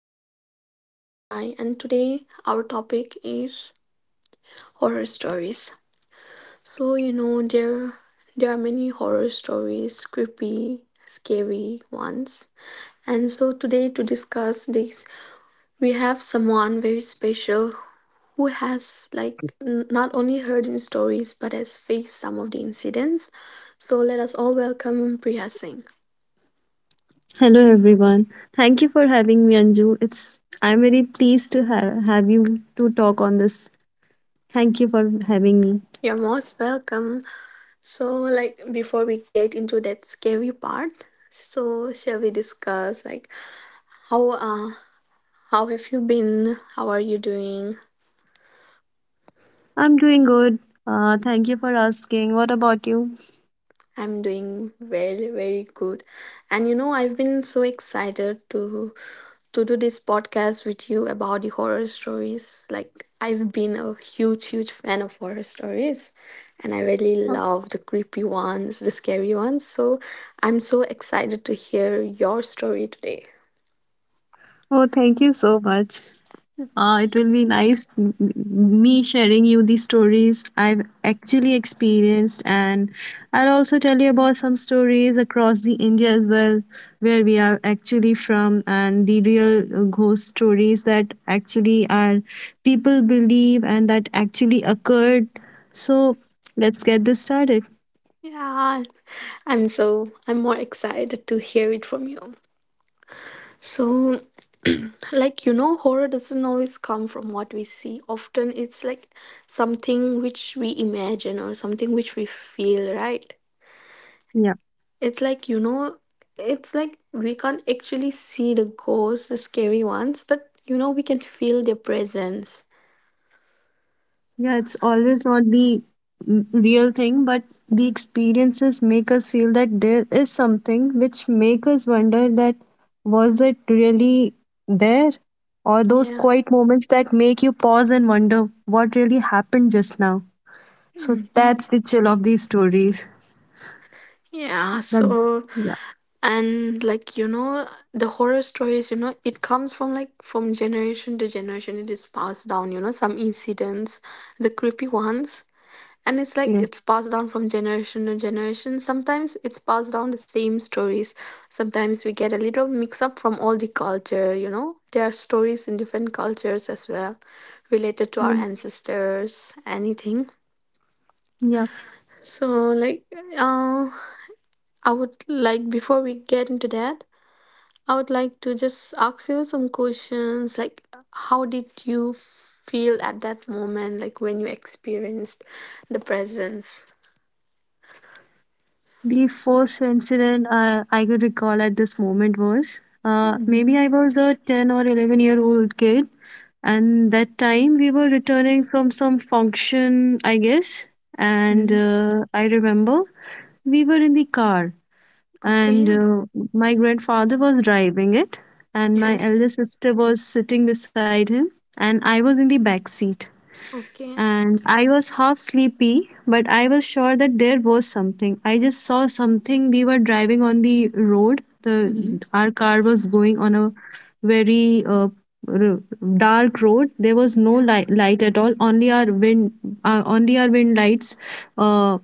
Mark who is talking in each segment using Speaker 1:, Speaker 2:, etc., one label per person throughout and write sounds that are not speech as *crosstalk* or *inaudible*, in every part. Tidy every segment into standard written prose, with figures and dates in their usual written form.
Speaker 1: I myself Anju Rai and today our topic is horror stories. So you know there are many horror stories, creepy, scary ones. And so today to discuss this, we have someone very special who has like not only heard in stories but has faced some of the incidents. So let us all welcome Priya Singh.
Speaker 2: Hello everyone. Thank you for having me, Anju. It's I'm very pleased to have you to talk on this. Thank you for having me.
Speaker 1: You're most welcome. So, like, before we get into that scary part, so shall we discuss like how uh how have you been? How are you doing?
Speaker 2: I'm doing good. Thank you for asking. What about you?
Speaker 1: I'm doing very good, and you know I've been so excited to do this podcast with you about the horror stories. Like I've been a huge fan of horror stories, and I really love the creepy ones, the scary ones. So I'm so excited to hear your story today.
Speaker 2: Oh, thank you so much. It will be nice me sharing you the stories I've actually experienced, and I'll also tell you about some stories across the India as well, where we are actually from, and the real ghost stories that actually are people believe and that actually occurred. So let's get this started.
Speaker 1: Yeah, I'm more excited to hear it from you. So, like you know, horror doesn't always come from what we see. Often it's like something which we imagine or something which we feel, right?
Speaker 2: Yeah.
Speaker 1: It's like, you know, it's like we can't actually see the ghosts, the scary ones, but you know, we can feel their presence.
Speaker 2: Yeah, it's always not the real thing, but the experiences make us feel that there is something which make us wonder that was it really there? Or those
Speaker 1: Yeah.
Speaker 2: quiet moments that make you pause and wonder what really happened just now. So
Speaker 1: Mhm.
Speaker 2: that's the chill of these stories.
Speaker 1: Yeah,
Speaker 2: That
Speaker 1: so
Speaker 2: yeah,
Speaker 1: and like you know the horror stories, you know it comes from like from generation to generation, it is passed down, you know, some incidents, the creepy ones, and it's like
Speaker 2: yes,
Speaker 1: it's passed down from generation to generation. Sometimes it's passed down the same stories, sometimes we get a little mix up from all the culture. You know there are stories in different cultures as well, related to our
Speaker 2: yes,
Speaker 1: ancestors, anything.
Speaker 2: yeah.
Speaker 1: So like uh I would like before we get into that I would like to just ask you some questions like how did you feel at that moment like when you experienced the presence?
Speaker 2: The first incident I could recall at this moment was
Speaker 1: Mhm.
Speaker 2: maybe I was a 10 or 11-year-old kid, and that time we were returning from some function, I guess. And
Speaker 1: Mm.
Speaker 2: I remember we were in the car, and
Speaker 1: Okay.
Speaker 2: my grandfather was driving it, and my
Speaker 1: Yes.
Speaker 2: elder sister was sitting beside him, and I was in the back seat
Speaker 1: Okay.
Speaker 2: and I was half sleepy, but I was sure that there was something. I just saw something. We were driving on the road. The
Speaker 1: Mhm.
Speaker 2: Our car was going on a very r- dark road. There was no
Speaker 1: Yeah.
Speaker 2: light at all. Only our wind lights, uh,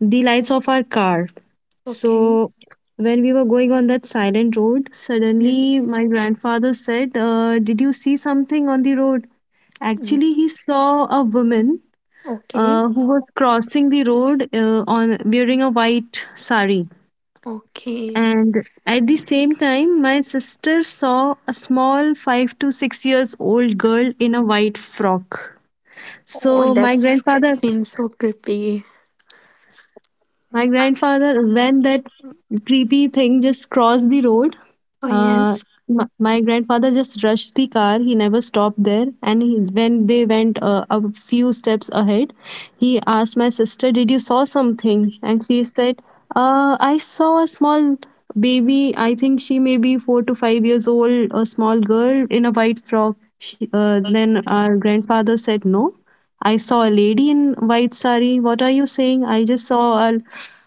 Speaker 2: the lights of our car.
Speaker 1: Okay.
Speaker 2: So when we were going on that silent road,
Speaker 1: Mm,
Speaker 2: suddenly my grandfather said, "Did you see something on the road?" Actually,
Speaker 1: mm.
Speaker 2: he saw a woman
Speaker 1: Okay.
Speaker 2: who was crossing the road on wearing a white sari,
Speaker 1: Okay.
Speaker 2: and at the same time my sister saw a small 5 to 6 years old girl in a white frock.
Speaker 1: Oh,
Speaker 2: so
Speaker 1: that
Speaker 2: my grandfather
Speaker 1: seems so creepy.
Speaker 2: My grandfather, when that creepy thing just crossed the road,
Speaker 1: Oh
Speaker 2: uh,
Speaker 1: yes.
Speaker 2: my grandfather just rushed the car. He never stopped there. And he, when they went a few steps ahead, he asked my sister, "Did you saw something?" And she said, "I saw a small baby. I think she may be 4 to 5 years old. A small girl in a white frock." Then our grandfather said, "No. I saw a lady in white sari. What are you saying? I just saw a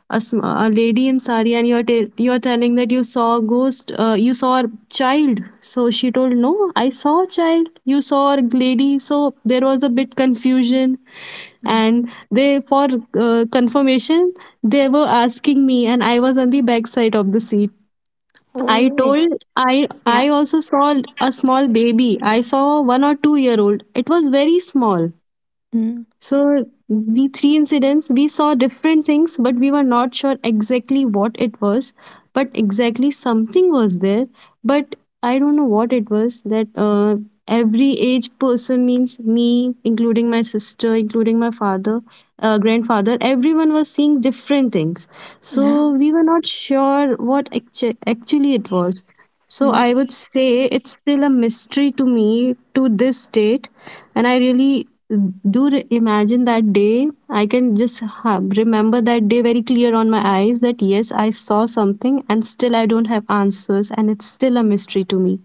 Speaker 2: a lady in sari, and you're telling that you saw a ghost. You saw a child." So she told, "No, I saw a child. You saw a lady." So there was a bit confusion,
Speaker 1: Mm.
Speaker 2: and they for confirmation they were asking me, and I was on the back side of the seat. I
Speaker 1: Oh
Speaker 2: told I
Speaker 1: yeah.
Speaker 2: also saw a small baby. I saw one or two-year-old. It was very small.
Speaker 1: Mm.
Speaker 2: So the three incidents, we saw different things, but we were not sure exactly what it was. But exactly something was there. But I don't know what it was. That Every age person, means me, including my sister, including my father, grandfather. Everyone was seeing different things.
Speaker 1: Yeah.
Speaker 2: So we were not sure what actually it was. So I would say it's still a mystery to me to this date, and I really do imagine that day. I can just remember that day very clear on my eyes, that yes, I saw something, and still I don't have answers and it's still a mystery to me.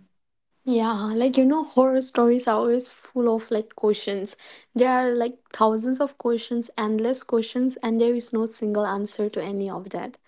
Speaker 1: Yeah, like you know, horror stories are always full of like questions. There are like thousands of questions, endless questions, and there is no single answer to any of that.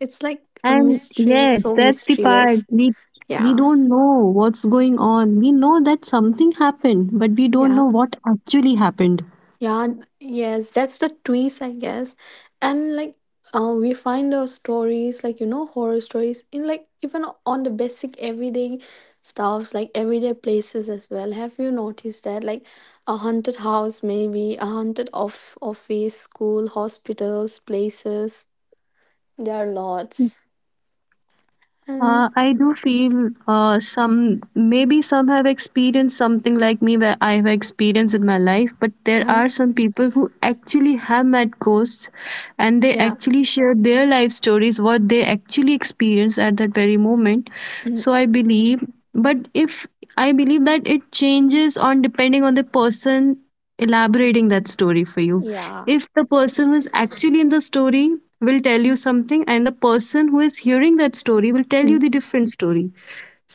Speaker 1: It's like a
Speaker 2: And
Speaker 1: mystery,
Speaker 2: yes,
Speaker 1: so
Speaker 2: that's the part.
Speaker 1: mysterious.
Speaker 2: We We
Speaker 1: Yeah,
Speaker 2: don't know what's going on. We know that something happened, but we don't
Speaker 1: yeah.
Speaker 2: know what actually happened.
Speaker 1: Yeah, yes, that's the twist, I guess. And like, we find those stories, like, you know, horror stories in like even on the basic everyday stuffs, like everyday places as well. Have you noticed that? Like a haunted house, maybe a haunted off office, school, hospitals, places. There are lots. And
Speaker 2: I do feel some, maybe some have experienced something like me, where I have experienced in my life, but there
Speaker 1: yeah,
Speaker 2: are some people who actually have met ghosts, and they
Speaker 1: yeah,
Speaker 2: actually share their life stories, what they actually experienced at that very moment.
Speaker 1: mm,
Speaker 2: So I believe, but if I believe that it changes on depending on the person elaborating that story for you.
Speaker 1: yeah,
Speaker 2: If the person was actually in the story, will tell you something, and the person who is hearing that story will tell you
Speaker 1: mm,
Speaker 2: the different story.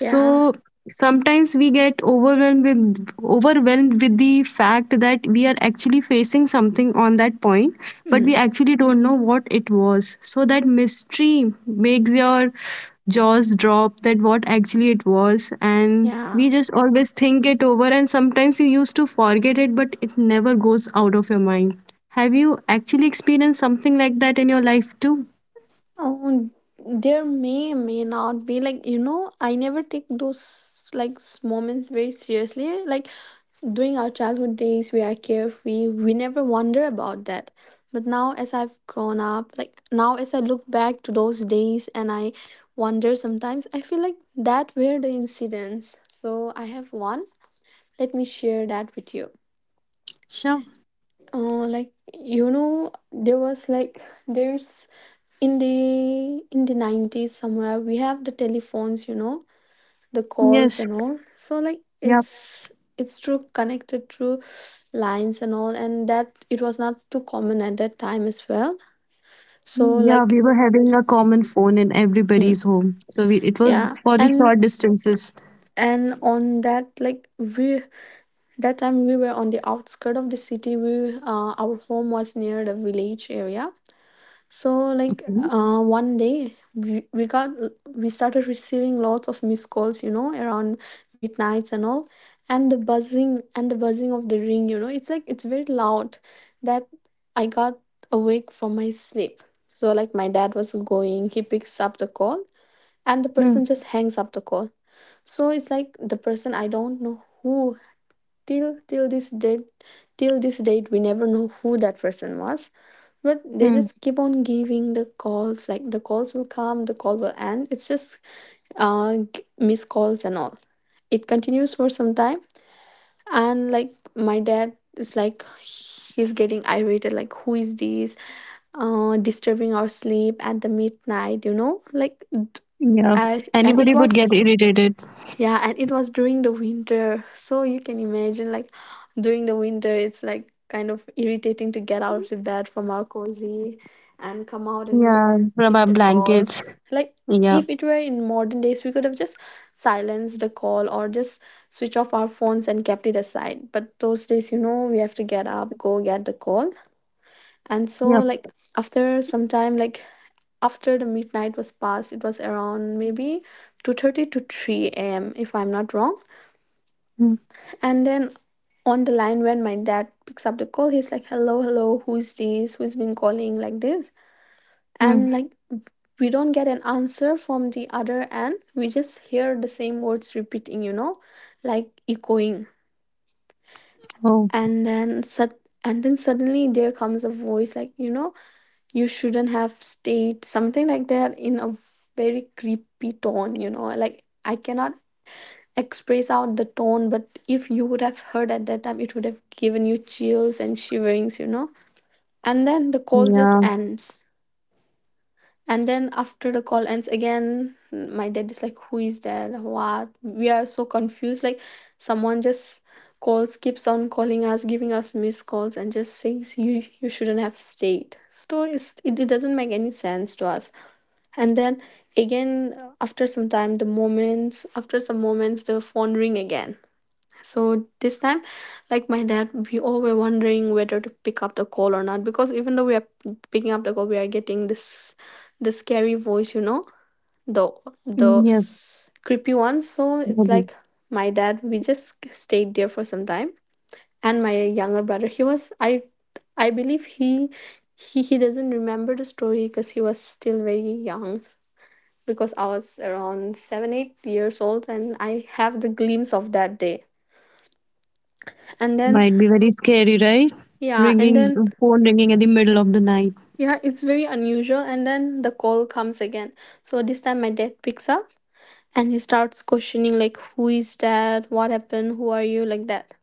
Speaker 1: yeah,
Speaker 2: sometimes we get overwhelmed with the fact that we are actually facing something on that point, but we
Speaker 1: mm,
Speaker 2: actually don't know what it was. So that mystery makes your jaws drop, that what actually it was, and
Speaker 1: yeah.
Speaker 2: we just always think it over, and sometimes you used to forget it, but it never goes out of your mind. Have you actually experienced something like that in your life too?
Speaker 1: Oh, there may not be like you know I never take those like moments very seriously. Like during our childhood days, we are carefree. We never wonder about that. But now, as I've grown up, like now as I look back to those days and I wonder sometimes, I feel like that were the incidents. So I have one. Let me share that with you.
Speaker 2: Sure.
Speaker 1: Like you know there was like there's in the 90s somewhere we have the telephones, you know, the calls
Speaker 2: Yes.
Speaker 1: and all, so like
Speaker 2: Yeah.
Speaker 1: it's through connected through lines and all, and that it was not too common at that time as well. So
Speaker 2: Mm, yeah,
Speaker 1: like
Speaker 2: we were having a common phone in
Speaker 1: mm,
Speaker 2: everybody's home. So we, it was
Speaker 1: yeah
Speaker 2: for the
Speaker 1: and
Speaker 2: short distances.
Speaker 1: on that like we that time we were on the outskirt of the city. We our home was near the village area. So like one day we started receiving lots of missed calls, you know, around midnights and all, and the buzzing of the ring, you know, it's like it's very loud that I got awake from my sleep. So like my dad was going, he picks up the call and the person
Speaker 2: Mm,
Speaker 1: just hangs up the call. So it's like the person, I don't know who. Till this date, we never know who that person was, but they
Speaker 2: mm.
Speaker 1: just keep on giving the calls. Like the calls will come, the call will end. It's just missed calls and all. It continues for some time, and like my dad is like he's getting irritated. Like who is this disturbing our sleep at the midnight, you know? Like
Speaker 2: Yeah.
Speaker 1: and
Speaker 2: Anybody
Speaker 1: it
Speaker 2: would get
Speaker 1: was
Speaker 2: irritated.
Speaker 1: yeah, and it was during the winter. So you can imagine, like, during the winter, it's like kind of irritating to get out of the bed from our cozy and come out and go
Speaker 2: Yeah.
Speaker 1: and
Speaker 2: From
Speaker 1: pick
Speaker 2: our
Speaker 1: the
Speaker 2: blankets.
Speaker 1: calls. Like,
Speaker 2: Yeah.
Speaker 1: if it were in modern days, we could have just silenced the call or just switch off our phones and kept it aside. But those days, you know, we have to get up, go get the call. And so,
Speaker 2: Yep.
Speaker 1: like, after some time, like, after the midnight was past, it was around maybe 2:30 to 3 a.m. if I'm not wrong.
Speaker 2: Mm,
Speaker 1: And then on the line, when my dad picks up the call, he's like, hello, hello, who's this? Who's been calling like this?
Speaker 2: mm.
Speaker 1: And like, we don't get an answer from the other end. We just hear the same words repeating, you know, like echoing.
Speaker 2: Oh,
Speaker 1: And then, sud- and then suddenly there comes a voice like, you know, you shouldn't have stayed, something like that in a very creepy tone, you know, like I cannot express out the tone, but if you would have heard at that time it would have given you chills and shiverings, you know. And then the call just
Speaker 2: yeah.
Speaker 1: ends. And then after the call ends, again my dad is like who is that, what? We are so confused, like someone just calls, keeps on calling us, giving us missed calls and just says you shouldn't have stayed. So it doesn't make any sense to us. And then again after some time, the moments after some moments the phone ring again. So this time, like my dad, we all were wondering whether to pick up the call or not, because even though we are picking up the call, we are getting this the scary voice, you know, the the
Speaker 2: Yep.
Speaker 1: creepy one. So it's
Speaker 2: Mm,
Speaker 1: like my dad. We just stayed there for some time, and my younger brother, he was I believe he doesn't remember the story because he was still very young, because I was around 7 or 8 years old and I have the glimpse of that day. And then
Speaker 2: might be very scary, right?
Speaker 1: yeah, and
Speaker 2: Ringing,
Speaker 1: then
Speaker 2: phone ringing at the middle of the night.
Speaker 1: yeah, it's very unusual. And then the call comes again. So this time my dad picks up and he starts questioning like who is that? What happened? Who are you? Like that.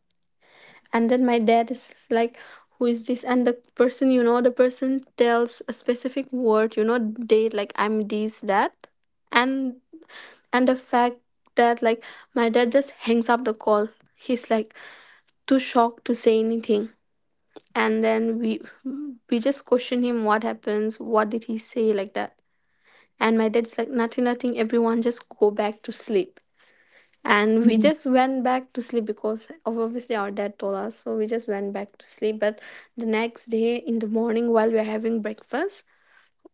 Speaker 1: And then my dad is like, who is this? And the person, you know, the person tells a specific word, you know, date, like I'm this, that. And the fact that like my dad just hangs up the call. He's like too shocked to say anything. And then we just question him what happens, what did he say, like that. And my dad's like nothing, nothing, everyone just go back to sleep. And we
Speaker 2: Mm,
Speaker 1: just went back to sleep because obviously our dad told us, so we just went back to sleep. But the next day in the morning while we are having breakfast,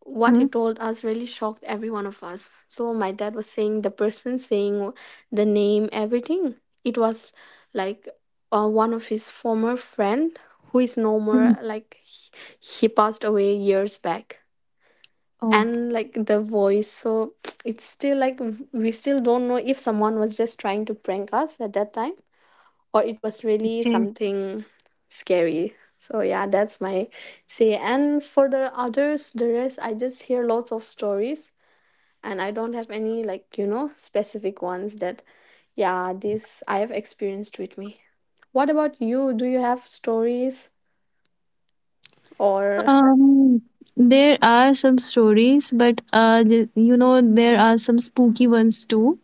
Speaker 1: what he
Speaker 2: mm,
Speaker 1: told us really shocked every one of us. So my dad was saying the person, saying the name, everything. It was like one of his former friend who is no more.
Speaker 2: mm.
Speaker 1: Like he passed away years back,
Speaker 2: Oh,
Speaker 1: and like the voice. So it's still like we still don't know if someone was just trying to prank us at that time or it was really
Speaker 2: okay.
Speaker 1: something scary. So yeah, that's my say. And for the others, the rest, I just hear lots of stories, and I don't have any like you know specific ones that yeah this I have experienced with me. What about you? Do you have stories or
Speaker 2: Um, there are some stories, but the, you know, there are some spooky ones too.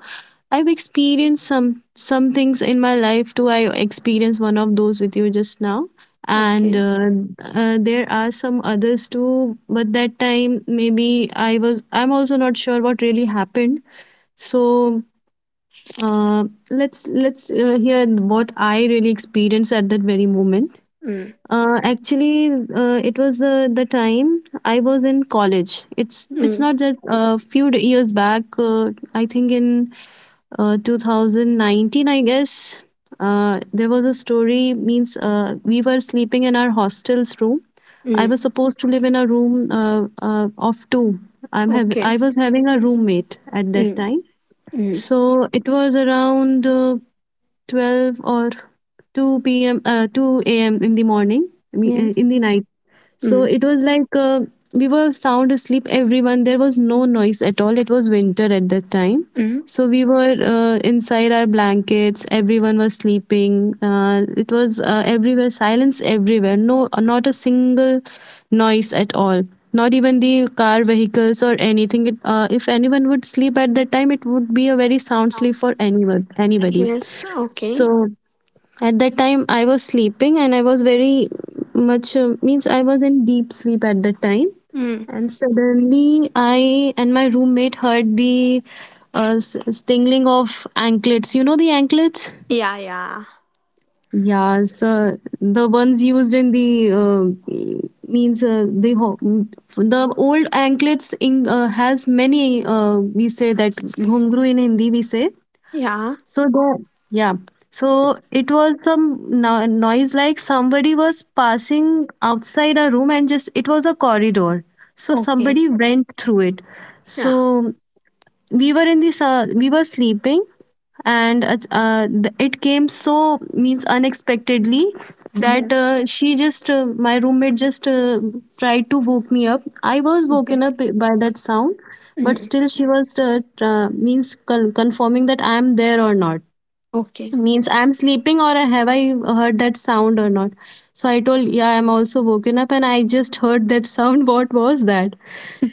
Speaker 2: I've experienced some things in my life too. I experienced one of those with you just now, and
Speaker 1: okay?
Speaker 2: there are some others too. But that time, maybe I was I'm also not sure what really happened. So uh, let's hear what I really experienced at that very moment.
Speaker 1: Mm,
Speaker 2: Actually, it was the time I was in college. It's
Speaker 1: mm,
Speaker 2: not just a few years back. I think in 2019, I guess there was a story. Means we were sleeping in our hostel's room. I
Speaker 1: mm,
Speaker 2: was supposed to live in a room of two.
Speaker 1: okay.
Speaker 2: I was having a roommate at that
Speaker 1: Mm,
Speaker 2: time.
Speaker 1: mm,
Speaker 2: So it was around 12 or 2 p.m. Uh, 2 a.m. in the morning. I mean,
Speaker 1: yes.
Speaker 2: in the night. So
Speaker 1: Mm,
Speaker 2: it was like we were sound asleep, everyone. There was no noise at all. It was winter at that time.
Speaker 1: mm,
Speaker 2: So we were inside our blankets. Everyone was sleeping. It was Everywhere, silence everywhere. No, not a single noise at all. Not even the car vehicles or anything. If anyone would sleep at that time, it would be a very sound sleep for anyone, anybody.
Speaker 1: yes. Okay.
Speaker 2: So at that time, I was sleeping and I was very much, means I was in deep sleep at that time.
Speaker 1: Mm,
Speaker 2: And suddenly, I and my roommate heard the stingling of anklets. You know the anklets?
Speaker 1: yeah. Yeah.
Speaker 2: Yeah, so the ones used in the means uh, the ho- the old anklets in has many, we say that ghungru in Hindi we say.
Speaker 1: Yeah.
Speaker 2: So the yeah. So it was some noise like somebody was passing outside a room, and just it was a corridor. So
Speaker 1: Okay.
Speaker 2: somebody went through it.
Speaker 1: Yeah.
Speaker 2: So we were in this, we were sleeping, and it came so, means unexpectedly,
Speaker 1: Hmm.
Speaker 2: that she just, my roommate just, tried to woke me up. I was
Speaker 1: Okay.
Speaker 2: woken up by that sound, but
Speaker 1: Mm.
Speaker 2: still she was, confirming that I am there or not,
Speaker 1: Okay.
Speaker 2: means I'm sleeping or have I heard that sound or not. So I told, yeah, I'm also woken up and I just heard that sound. *laughs* What was that?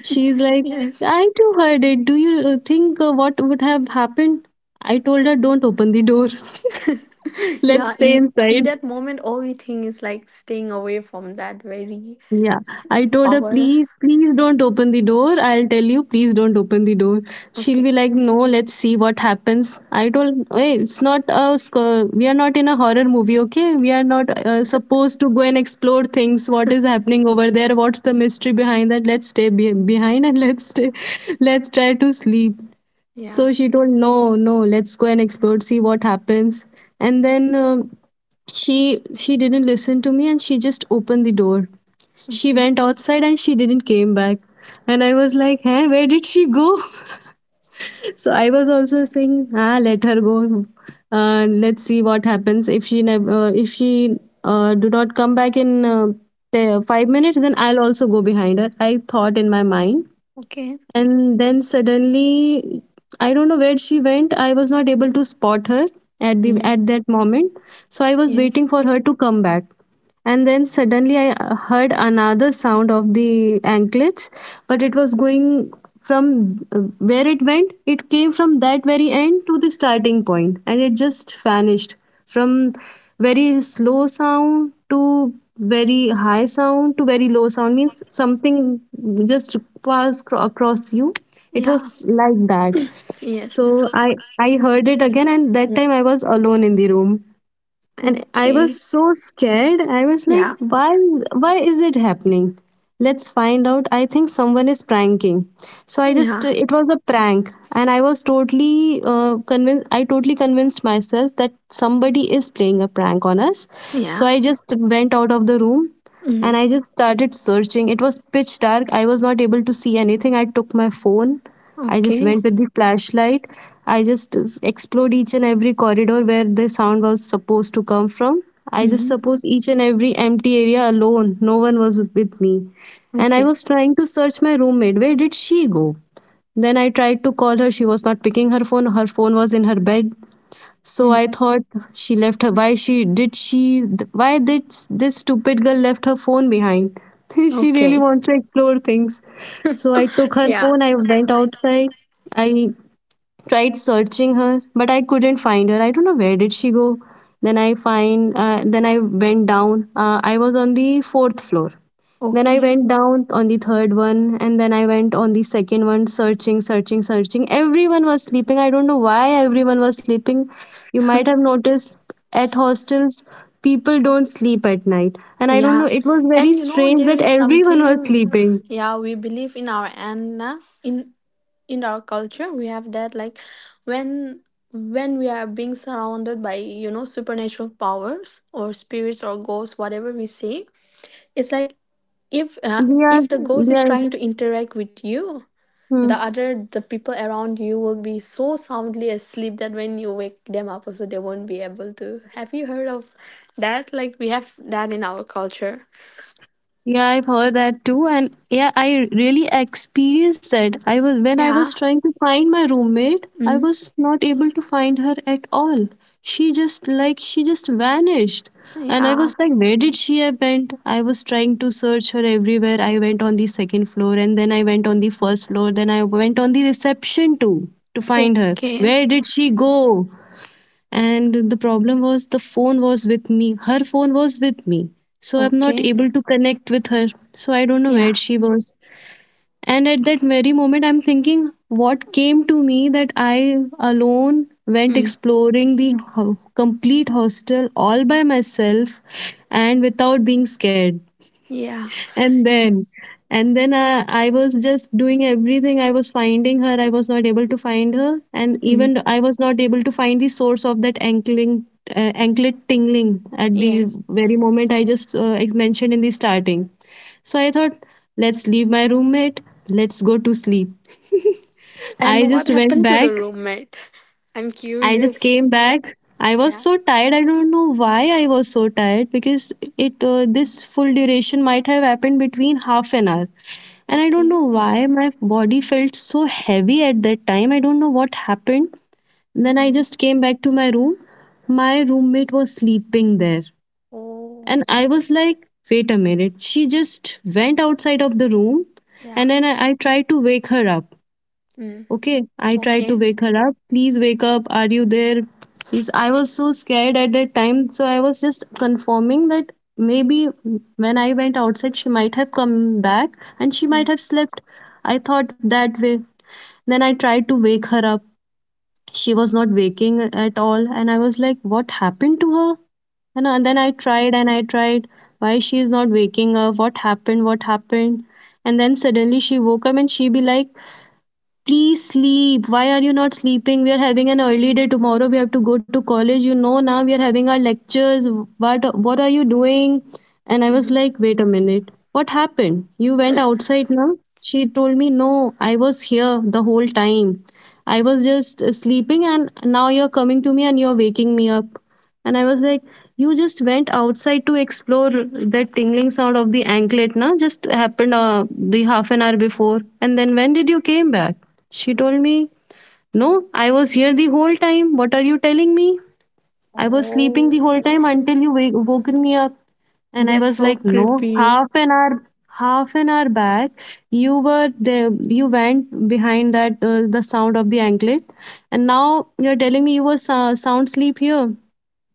Speaker 2: She's like,
Speaker 1: Yes.
Speaker 2: I too heard it. Do you think what would have happened? I told her, don't open the door. *laughs*
Speaker 1: *laughs*
Speaker 2: Let's
Speaker 1: yeah.
Speaker 2: stay
Speaker 1: In
Speaker 2: inside.
Speaker 1: that moment, all we think is like staying away from that very
Speaker 2: Yeah,
Speaker 1: s-
Speaker 2: I told her,
Speaker 1: power.
Speaker 2: please, please don't open the door. I'll tell you, please don't open the door. She'll be
Speaker 1: Okay.
Speaker 2: like, no, let's see what happens. I told, hey, it's not a, sc- we are not in a horror movie, okay? We are not supposed to go and explore things. What is happening over there? What's the mystery behind that? Behind and let's stay, *laughs* let's try to sleep.
Speaker 1: Yeah.
Speaker 2: So she told, no, no, let's go and explore, see what happens. And then she she didn't listen to me, and she just opened the door. She
Speaker 1: Okay.
Speaker 2: went outside and she didn't came back. And I was like, hey, where did she go? *laughs* So I was also saying, ah, let her go. Let's see what happens. If she never, if she do not come back in 5 minutes, then I'll also go behind her. I thought in my mind.
Speaker 1: Okay.
Speaker 2: And then suddenly, I don't know where she went. I was not able to spot her at the
Speaker 1: Mm.
Speaker 2: at that moment. So I was
Speaker 1: Yes.
Speaker 2: waiting for her to come back. And then suddenly, I heard another sound of the anklets, but it was going from where it went, it came from that very end to the starting point, and it just vanished. From very slow sound to very high sound to very low sound, means something just across you. It was
Speaker 1: Yeah.
Speaker 2: like that.
Speaker 1: Yes.
Speaker 2: So I heard it again, and that
Speaker 1: Mm.
Speaker 2: time I was alone in the room. And I was
Speaker 1: Okay.
Speaker 2: so scared. I was like,
Speaker 1: Yeah.
Speaker 2: why is it happening? Let's find out. I think someone is pranking. So I just
Speaker 1: Yeah.
Speaker 2: it was a prank, and I was totally convinced. I totally convinced myself that somebody is playing a prank on us. So
Speaker 1: Yeah.
Speaker 2: I just went out of the room,
Speaker 1: Mm.
Speaker 2: and I just started searching. It was pitch dark. I was not able to see anything. I took my phone. I just
Speaker 1: Okay.
Speaker 2: went with the flashlight. I just explored each and every corridor where the sound was supposed to come from. I just
Speaker 1: Mm.
Speaker 2: suppose each and every empty area alone. No one was with me. And I
Speaker 1: Okay.
Speaker 2: was trying to search my roommate. Where did she go? Then I tried to call her. She was not picking her phone. Her phone was in her bed. So
Speaker 1: Mm.
Speaker 2: I thought she left her. Why she did she? Why did this stupid girl left her phone behind? *laughs* She really
Speaker 1: Okay.
Speaker 2: wants to explore things. So I took her
Speaker 1: Yeah.
Speaker 2: phone. I went outside. I tried searching her, but I couldn't find her. I don't know where did she go. Then I went down. I was on the fourth floor. Then I
Speaker 1: Okay.
Speaker 2: went down on the third one, and then I went on the second one, searching, searching, searching. Everyone was sleeping. I don't know why everyone was sleeping. You might have noticed at hostels, people don't sleep at night, and I don't
Speaker 1: Yeah.
Speaker 2: know, it was very
Speaker 1: And you know,
Speaker 2: strange
Speaker 1: there
Speaker 2: that
Speaker 1: is
Speaker 2: everyone was
Speaker 1: something.
Speaker 2: sleeping.
Speaker 1: Yeah, we believe in our end. Na? In. In our culture we have that like when when we are being surrounded by you know supernatural powers or spirits or ghosts whatever we say, it's like if
Speaker 2: We
Speaker 1: uh,
Speaker 2: we are,
Speaker 1: if the ghost
Speaker 2: we
Speaker 1: is
Speaker 2: are,
Speaker 1: trying to interact with you,
Speaker 2: hmm.
Speaker 1: the people around you will be so soundly asleep that when you wake them up also they won't be able to. Have you heard of that? Like we have that in our culture.
Speaker 2: Yeah, I've heard that too, and yeah, I really experienced that. I was When I was
Speaker 1: Yeah.
Speaker 2: trying to find my roommate, I
Speaker 1: Mm.
Speaker 2: was not able to find her at all. She just Like, she just vanished, and I
Speaker 1: Yeah.
Speaker 2: was like, where did she have went? I was trying to search her everywhere. I went on the second floor, and then I went on the first floor. Then I went on the reception too to find her.
Speaker 1: Okay.
Speaker 2: Where did she go? And the problem was, the phone was with me, her phone was with me. So I'm not
Speaker 1: Okay.
Speaker 2: able to connect with her, so I don't know where
Speaker 1: Yeah.
Speaker 2: she was. And at that very moment, I'm thinking, what came to me that I alone went
Speaker 1: Mm.
Speaker 2: exploring the complete hostel all by myself, and without being scared.
Speaker 1: Yeah.
Speaker 2: And then and then I was just doing everything. I was finding her, I was not able to find her, and
Speaker 1: Mm.
Speaker 2: even I was not able to find the source of that ankling, anklet tingling at the
Speaker 1: Yes.
Speaker 2: very moment I just mentioned in the starting. So I thought, let's leave my roommate, let's go to sleep. *laughs* I
Speaker 1: And what
Speaker 2: just went
Speaker 1: happened to
Speaker 2: back.
Speaker 1: the roommate? *laughs* I'm
Speaker 2: I just
Speaker 1: curious.
Speaker 2: came back. I was
Speaker 1: Yeah.
Speaker 2: so tired. I don't know why I was so tired, because it this full duration might have happened between half an hour. And I don't
Speaker 1: Okay.
Speaker 2: know why my body felt so heavy at that time. I don't know what happened. Then I
Speaker 1: Mm.
Speaker 2: just came back to my room. My roommate was sleeping there.
Speaker 1: Oh.
Speaker 2: And I was like, wait a minute. She just went outside of the room. And
Speaker 1: Yeah.
Speaker 2: then I tried to wake her up.
Speaker 1: Mm.
Speaker 2: Okay, I tried to
Speaker 1: Okay.
Speaker 2: wake her up. Please wake up. Are you there? Please. I was so scared at that time. So I was just confirming that maybe when I went outside, she might have come back and she might
Speaker 1: Mm.
Speaker 2: have slept. I thought that way. Then I tried to wake her up. She was not waking at all. And I was like, what happened to her? And then
Speaker 1: Yeah.
Speaker 2: I tried and I tried. Why she is not waking up? What happened? What happened? And then suddenly she woke up and she be like, please sleep. Why are you not sleeping? We are having an early day tomorrow. We have to go to college. You know now we are having our lectures. What are you doing? And I was
Speaker 1: Mm.
Speaker 2: like, wait a minute. What happened? You went outside now? She told me, no, I was here the whole time. I was just sleeping, and now you're coming to me and you're waking me up. And I was like, you just went outside to explore that tingling sound of the anklet, na? Just happened the half an hour before. And then when did you came back? She told me, no, I was here the whole time. What are you telling me? I was sleeping
Speaker 1: Oh,
Speaker 2: the whole time until you woken me up. And I
Speaker 1: that's
Speaker 2: was
Speaker 1: so
Speaker 2: like, no,
Speaker 1: creepy.
Speaker 2: half an hour back, you were there, you went behind the sound of the anklet. And now you're telling me you were sound sleep here.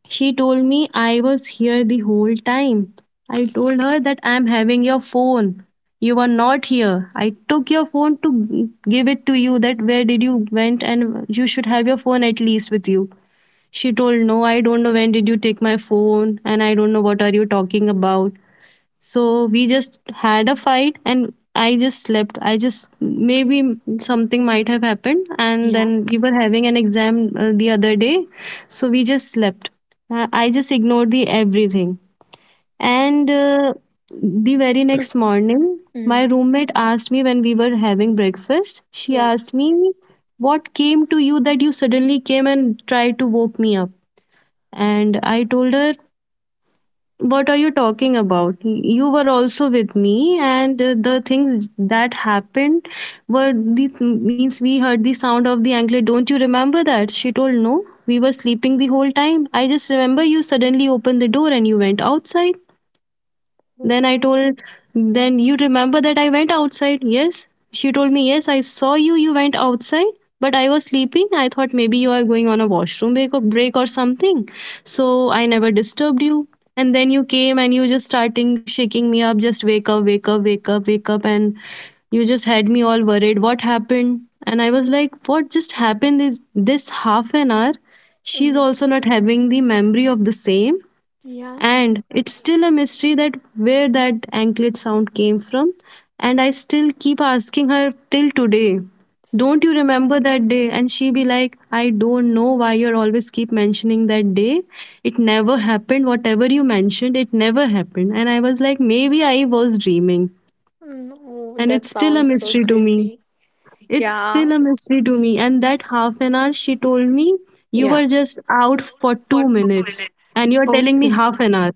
Speaker 2: She told me I was here the whole time. I told her that I'm having your phone. You were not here. I took your phone to give it to you that where did you went, and you should have your phone at least with you. She told, no, I don't know when did you take my phone, and I don't know what are you talking about. So we just had a fight, and I just slept. I just Maybe something might have happened, and
Speaker 1: Yeah.
Speaker 2: then we were having an exam the other day. So we just slept. I just ignored the everything.
Speaker 1: Oh.
Speaker 2: And the very next morning, my
Speaker 1: Mm.
Speaker 2: roommate asked me when we were having breakfast, she
Speaker 1: Yeah.
Speaker 2: asked me, what came to you that you suddenly came and tried to woke me up? And I told her, what are you talking about? You were also with me, and the things that happened were the means we heard the sound of the anklet. Don't you remember that? She told, no, we were sleeping the whole time. I just remember you suddenly opened the door and you went outside.
Speaker 1: Mm.
Speaker 2: Then I told, then you remember that I went outside? Yes. She told me, yes, I saw you. You went outside, but I was sleeping. I thought maybe you are going on a washroom break or something. So I never disturbed you. And then you came and you just starting shaking me up, just wake up, wake up, wake up, wake up. And you just had me all worried. What happened? And I was like, what just happened is this half an hour? She's
Speaker 1: Mm.
Speaker 2: also not having the memory of the same,
Speaker 1: Yeah.
Speaker 2: and it's still a mystery that where that anklet sound came from. And I still keep asking her till today, don't you remember that day? And she be like, I don't know why you're always keep mentioning that day. It never happened. Whatever you mentioned, it never happened. And I was like, maybe I was dreaming.
Speaker 1: Mm. Oh,
Speaker 2: And
Speaker 1: that
Speaker 2: it's still a
Speaker 1: sounds so
Speaker 2: mystery to me.
Speaker 1: creepy.
Speaker 2: It's still
Speaker 1: Yeah.
Speaker 2: a mystery to me. And that half an hour, she told me, you
Speaker 1: Yeah.
Speaker 2: were just out for 2 minutes. And you're telling me
Speaker 1: Okay.
Speaker 2: half an hour.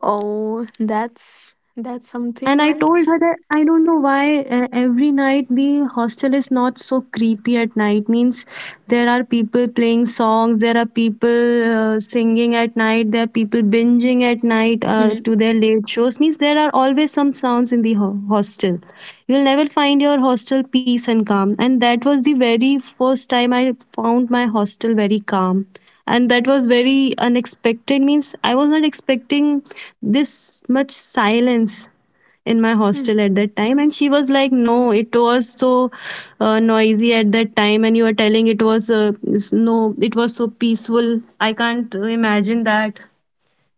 Speaker 1: Oh, that's
Speaker 2: And
Speaker 1: something
Speaker 2: I
Speaker 1: like.
Speaker 2: told her that I don't know why every night the hostel is not so creepy at night. Means there are people playing songs, there are people singing at night, there are people binging at night
Speaker 1: Mm.
Speaker 2: to their late shows. Means there are always some sounds in the hostel. You'll never find your hostel peace and calm. And that was the very first time I found my hostel very calm. And that was very unexpected. Means I was not expecting this much silence in my hostel at that time, and she was like, no, it was so noisy at that time, and you are telling it was no, it was so peaceful, I can't imagine that.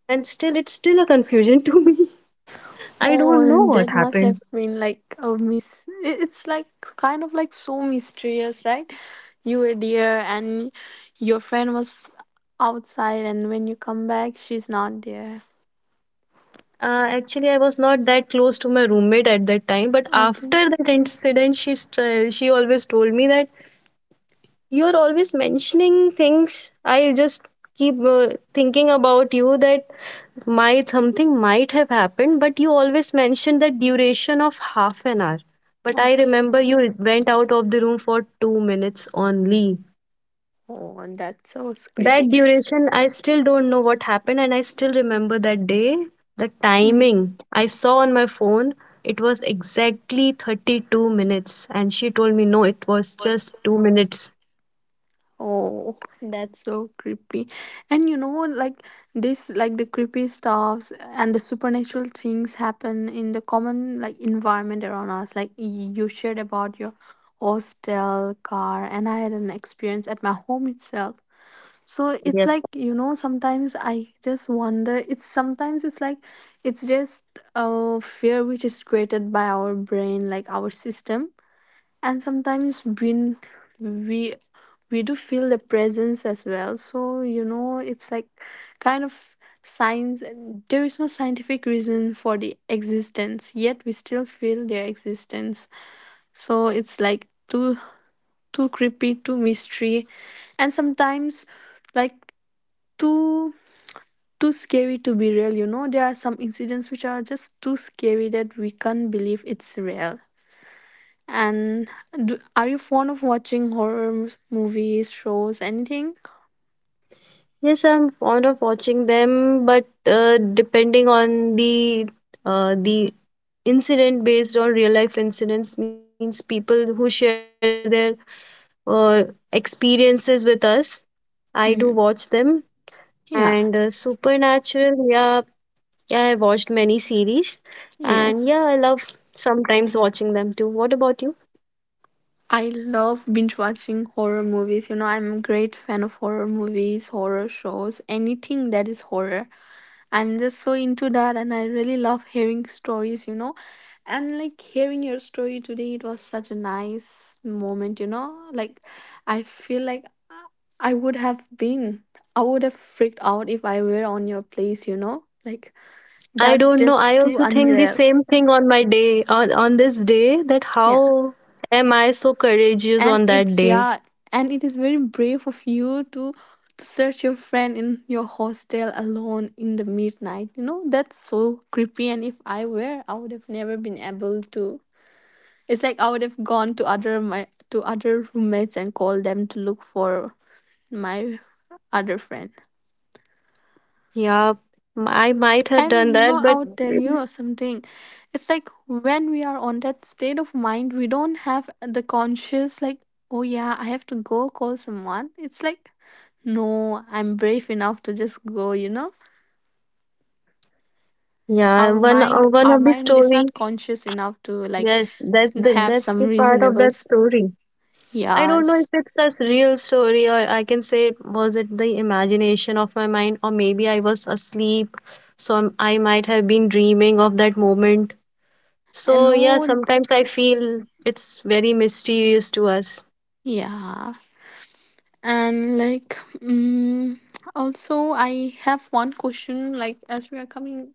Speaker 2: And still It's still a confusion *laughs* to me. I don't
Speaker 1: Oh,
Speaker 2: know what
Speaker 1: that must have
Speaker 2: happened.
Speaker 1: been like a mis. It's like kind of like so mysterious, right? You were there and your friend was outside, and when you come back, she's not there.
Speaker 2: Actually, I was not that close to my roommate at that time, but
Speaker 1: Okay,
Speaker 2: after that incident, she always told me that you're always mentioning things. I just keep thinking about you that might something might have happened, but you always mention that duration of half an hour. But I
Speaker 1: okay.
Speaker 2: remember you went out of the room for 2 minutes only.
Speaker 1: Oh, and that's so creepy.
Speaker 2: That duration, I still don't know what happened, and I still remember that day. The
Speaker 1: Mm.
Speaker 2: timing I saw on my phone, it was exactly 32 minutes, and she told me, no, it was just 2 minutes.
Speaker 1: Oh, that's so creepy. And you know, like this, like the creepy stuffs and the supernatural things happen in the common like environment around us. Like you shared about your hostel car, and I had an experience at my home itself. So it's
Speaker 2: Yes.
Speaker 1: like, you know, sometimes I just wonder, it's sometimes it's like it's just a fear which is created by our brain, like our system, and sometimes when we we do feel the presence as well. So you know, it's like kind of science, there is no scientific reason for the existence, yet we still feel their existence. So it's like too too creepy, too mystery, and sometimes like too too scary to be real. You know, there are some incidents which are just too scary that we can't believe it's real. And do, are you fond of watching horror movies, shows, anything?
Speaker 2: Yes, I'm fond of watching them, but depending on the incident based on real life incidents, means people who share their uh, experiences with us. I do watch them,
Speaker 1: Hmm.
Speaker 2: and
Speaker 1: Yeah.
Speaker 2: Supernatural. Yeah, yeah, I watched many series, and yeah, I love
Speaker 1: Yes.
Speaker 2: sometimes watching them too. What about you?
Speaker 1: I love binge watching horror movies. You know, I'm a great fan of horror movies, horror shows, anything that is horror. I'm just so into that and I really love hearing stories, you know. And like hearing your story today, it was such a nice moment, you know. Like, I feel like I would have been, I would have freaked out if I were on your place, you know. Like,
Speaker 2: I
Speaker 1: that's
Speaker 2: don't know. I
Speaker 1: just too
Speaker 2: also think the
Speaker 1: unreal.
Speaker 2: same thing on my day on this day that
Speaker 1: Yeah.
Speaker 2: how am I so courageous
Speaker 1: And
Speaker 2: on that
Speaker 1: it's,
Speaker 2: day?
Speaker 1: yeah, and it is very brave of you to search your friend in your hostel alone in the midnight, you know. That's so creepy. And if I were, I would have never been able to. It's like I would have gone to other my to other roommates and called them to look for my other friend.
Speaker 2: Yeah, I might have
Speaker 1: And
Speaker 2: done
Speaker 1: you know,
Speaker 2: that,
Speaker 1: I
Speaker 2: but
Speaker 1: would tell you something. It's like when we are on that state of mind, we don't have the conscious, like, oh yeah, I have to go call someone. It's like, no, I'm brave enough to just go, you know?
Speaker 2: yeah,
Speaker 1: Our mind,
Speaker 2: one
Speaker 1: our
Speaker 2: of the
Speaker 1: mind is
Speaker 2: story.
Speaker 1: not conscious enough to like
Speaker 2: Yes, that's the
Speaker 1: have
Speaker 2: that's
Speaker 1: some
Speaker 2: the part of that
Speaker 1: reasonables.
Speaker 2: story. I don't know if
Speaker 1: Yes.
Speaker 2: it's a real story or I can say was it the imagination of my mind or maybe I was asleep, so I might have been dreaming of that moment.
Speaker 1: And
Speaker 2: So yeah,
Speaker 1: no,
Speaker 2: sometimes I feel it's very mysterious to us.
Speaker 1: yeah. And like, mm, also I have one question, like as we are coming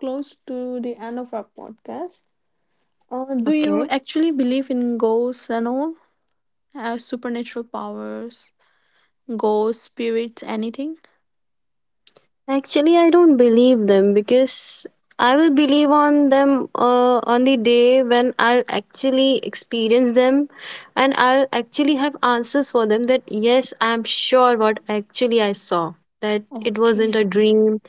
Speaker 1: close to the end of our podcast, do you
Speaker 2: Okay.
Speaker 1: actually believe in ghosts and all supernatural powers, ghosts, spirits, anything?
Speaker 2: Actually, I don't believe them because I will believe on them on the day when I'll actually experience them, and I'll actually have answers for them that yes, I'm sure what actually I saw, that it wasn't
Speaker 1: Okay.
Speaker 2: a dream,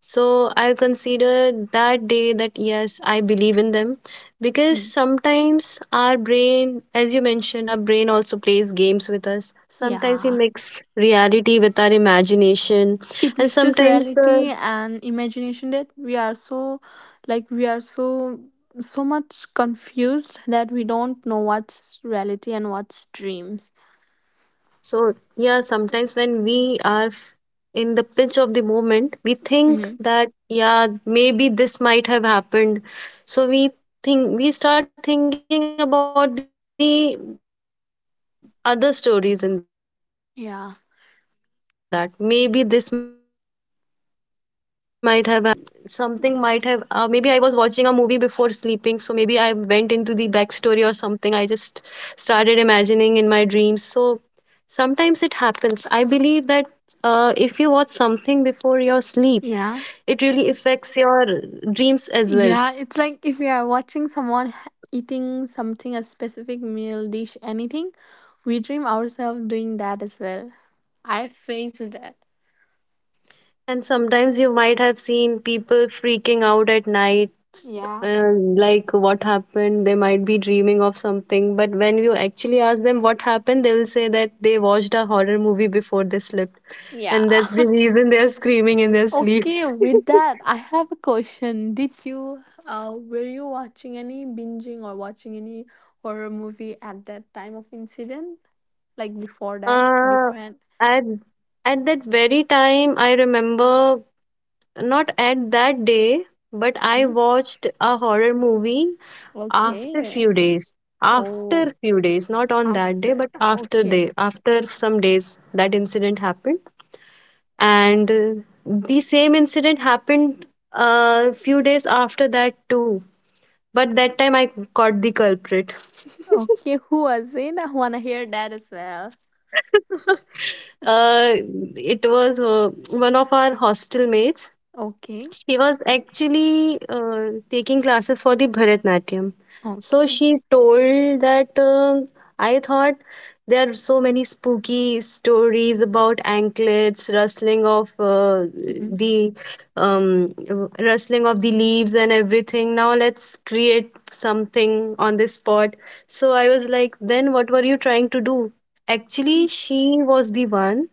Speaker 2: so I'll consider that day that yes, I believe in them because
Speaker 1: Mm.
Speaker 2: sometimes our brain, as you mentioned, our brain also plays games with us. Sometimes we
Speaker 1: Yeah,
Speaker 2: mix reality with our imagination,
Speaker 1: it
Speaker 2: and
Speaker 1: mixes
Speaker 2: sometimes
Speaker 1: reality
Speaker 2: the—
Speaker 1: and imagination that we are so like we are so so much confused that we don't know what's reality and what's dreams.
Speaker 2: So, yeah, sometimes when we are in the pinch of the moment, we think
Speaker 1: Mhm.
Speaker 2: that, yeah, maybe this might have happened. So, we think we start thinking about the other stories in that. Maybe this might have happened. Yeah, maybe I was sleeping,
Speaker 1: Yeah.
Speaker 2: or maybe something might have, maybe I was watching a movie before sleeping. So, maybe I went into the backstory or something. I just started imagining in my dreams. So, sometimes it happens. I believe that if you watch something before your sleep, it really
Speaker 1: Yeah.
Speaker 2: affects your dreams as well.
Speaker 1: Yeah, it's like if you are watching someone eating something, a specific meal, dish, anything, we dream ourselves doing that as well. I faced that.
Speaker 2: And sometimes you might have seen people freaking out at night,
Speaker 1: Yeah.
Speaker 2: like what happened. They might be dreaming of something, but when you actually ask them what happened, they will say that they watched a horror movie before they slept, and
Speaker 1: Yeah.
Speaker 2: that's the reason they are screaming in their
Speaker 1: *laughs*
Speaker 2: sleep.
Speaker 1: Okay, with
Speaker 2: *laughs*
Speaker 1: that, I have a question. Did you, were you watching any binging or watching any horror movie at that time of incident? Like before that,
Speaker 2: Uh,
Speaker 1: beforehand?
Speaker 2: at at that very time, I remember not at that day, but I
Speaker 1: Mhm.
Speaker 2: watched a horror movie after
Speaker 1: Okay.
Speaker 2: few days. After
Speaker 1: Oh,
Speaker 2: few days, not on that day, but
Speaker 1: after.
Speaker 2: after
Speaker 1: Okay.
Speaker 2: day, after some days, that incident happened, and the same incident happened a few days after that too. But that time I caught the culprit.
Speaker 1: Okay, who was in? I wanna hear that as well.
Speaker 2: *laughs* uh, it was one of our hostel mates.
Speaker 1: Okay,
Speaker 2: She was actually taking classes for the Bharatnatyam. So
Speaker 1: okay.
Speaker 2: she told that I thought there are so many spooky stories about anklets, rustling of
Speaker 1: Mhm.
Speaker 2: the um, rustling of the leaves and everything. Now let's create something on this spot. So I was like, then what were you trying to do? Actually,
Speaker 1: *laughs*
Speaker 2: she was the one,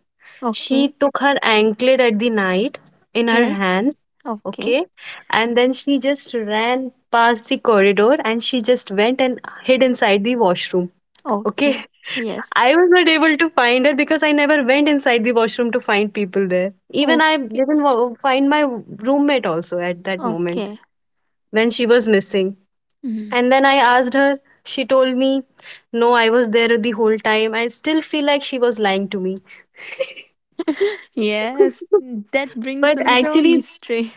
Speaker 2: she
Speaker 1: Okay,
Speaker 2: took her anklet at the night in her
Speaker 1: yes,
Speaker 2: hands,
Speaker 1: okay,
Speaker 2: okay, and then she just ran past the corridor and she just went and hid inside the washroom, okay.
Speaker 1: okay,
Speaker 2: *laughs*
Speaker 1: yes,
Speaker 2: I was not able to find her because I never went inside the washroom to find people there. Even I
Speaker 1: okay,
Speaker 2: didn't find my roommate also at that moment
Speaker 1: okay.
Speaker 2: when she was missing.
Speaker 1: Mhm.
Speaker 2: And then I asked her, she told me, "No, I was there the whole time." I still feel like she was lying to me.
Speaker 1: *laughs* Yes, that brings
Speaker 2: But
Speaker 1: a little
Speaker 2: actually,
Speaker 1: mystery.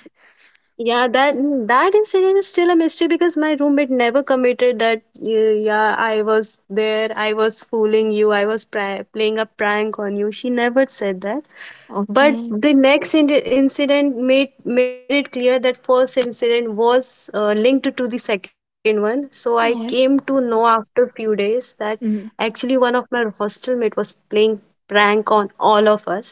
Speaker 2: yeah, that that incident is still a mystery because my roommate never committed that. "Yeah, yeah, I was there. I was fooling you. I was playing a prank on you." She never said that. But
Speaker 1: Okay,
Speaker 2: the next incident made it clear that first incident was linked to the second one. So I came to
Speaker 1: yes.
Speaker 2: know after few days that
Speaker 1: Mhm.
Speaker 2: actually one of my hostel mate was playing prank on all of us.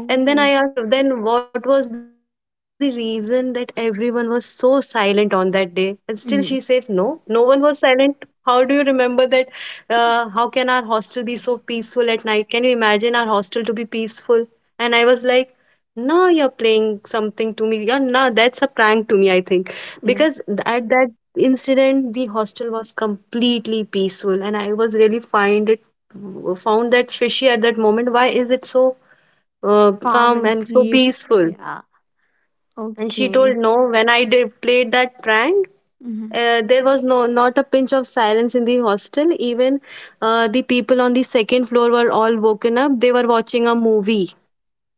Speaker 2: And then I asked, then what was the reason that everyone was so silent on that day? And still she says, no, no
Speaker 1: Mhm.
Speaker 2: one was silent. How do you remember that? How can our hostel be so peaceful at night? Can you imagine our hostel to be peaceful? And I was like, no, you're playing something to me. Yeah, no, that's a prank to me, I think. Because
Speaker 1: Yes,
Speaker 2: at that incident, the hostel was completely peaceful. And I was really find it, found that fishy at that moment. Why is it so
Speaker 1: calm
Speaker 2: calm
Speaker 1: and
Speaker 2: and so
Speaker 1: peace.
Speaker 2: peaceful?
Speaker 1: Yeah,
Speaker 2: And she told,
Speaker 1: okay.
Speaker 2: no, when I did played that prank,
Speaker 1: Mhm.
Speaker 2: there was no not a pinch of silence in the hostel even the people on the second floor were all woken up, they were watching a movie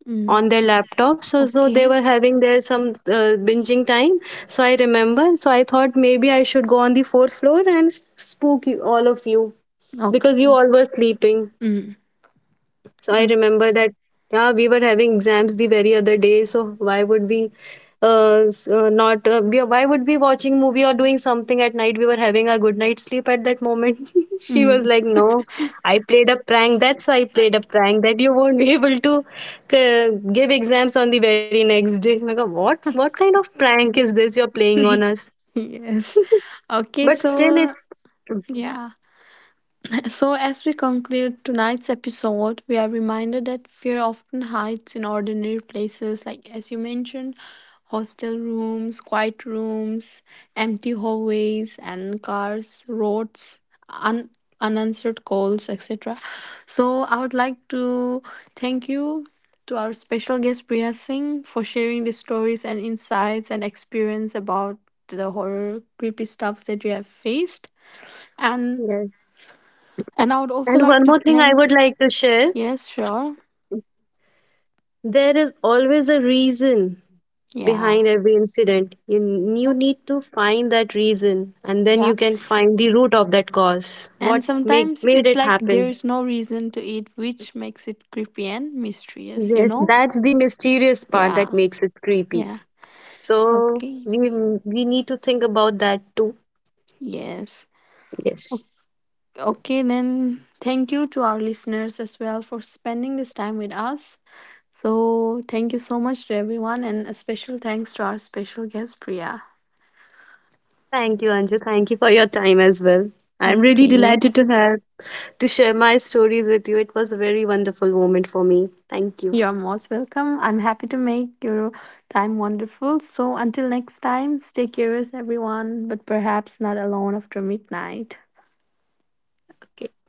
Speaker 1: Hmm.
Speaker 2: on their laptops. So, so they
Speaker 1: Okay,
Speaker 2: were having their some binging time. So I remember. So I thought maybe I should go on the fourth floor and spook you, all of you because you
Speaker 1: okay.
Speaker 2: all were sleeping.
Speaker 1: Mm.
Speaker 2: So I
Speaker 1: Oh,
Speaker 2: remember that yeah, we were having exams the very other day. So why would we s- not we, why would we watching movie or doing something at night? We were having our good night sleep at that moment. *laughs* She was
Speaker 1: mm.
Speaker 2: like, no. I played a prank. That's why I played a prank that you won't be able to give exams on the very next day. I'm like, what? What kind of prank is this you're playing on us?
Speaker 1: *laughs* Yes. Okay,
Speaker 2: But still,
Speaker 1: so
Speaker 2: it's
Speaker 1: Yeah. *laughs* So, as we conclude tonight's episode, we are reminded that fear often hides in ordinary places, like as you mentioned, hostel rooms, quiet rooms, empty hallways, and cars, roads, un- unanswered calls, etc. So, I would like to thank you to our special guest Priya Singh for sharing the stories and insights and experience about the horror creepy stuff that you have faced, and
Speaker 2: yes.
Speaker 1: and I would also
Speaker 2: And
Speaker 1: like
Speaker 2: one
Speaker 1: to
Speaker 2: more thing I
Speaker 1: thank.
Speaker 2: would like to share.
Speaker 1: Yes, sure.
Speaker 2: There is always a reason
Speaker 1: Yeah.
Speaker 2: behind every incident. You
Speaker 1: Oh,
Speaker 2: need to find that reason and then
Speaker 1: yeah.
Speaker 2: you can find the root of that cause.
Speaker 1: And
Speaker 2: What
Speaker 1: sometimes
Speaker 2: made
Speaker 1: it's
Speaker 2: it
Speaker 1: like
Speaker 2: happen?
Speaker 1: there's no reason to eat, which makes it creepy and mysterious, you
Speaker 2: Yes,
Speaker 1: know?
Speaker 2: that's the mysterious part that
Speaker 1: Yeah.
Speaker 2: makes it creepy.
Speaker 1: Yeah.
Speaker 2: So
Speaker 1: Okay.
Speaker 2: we we need to think about that too.
Speaker 1: Yes.
Speaker 2: Yes.
Speaker 1: Okay. Okay, then thank you to our listeners as well for spending this time with us. So, thank you so much to everyone, and a special thanks to our special guest, Priya.
Speaker 2: Thank you, Anju. Thank you for your time as well. I'm really
Speaker 1: Okay.
Speaker 2: delighted to have to share my stories with you. It was a very wonderful moment for me. Thank you.
Speaker 1: You're most welcome. I'm happy to make your time wonderful. So until next time, stay curious, everyone, but perhaps not alone after midnight.
Speaker 2: Okay.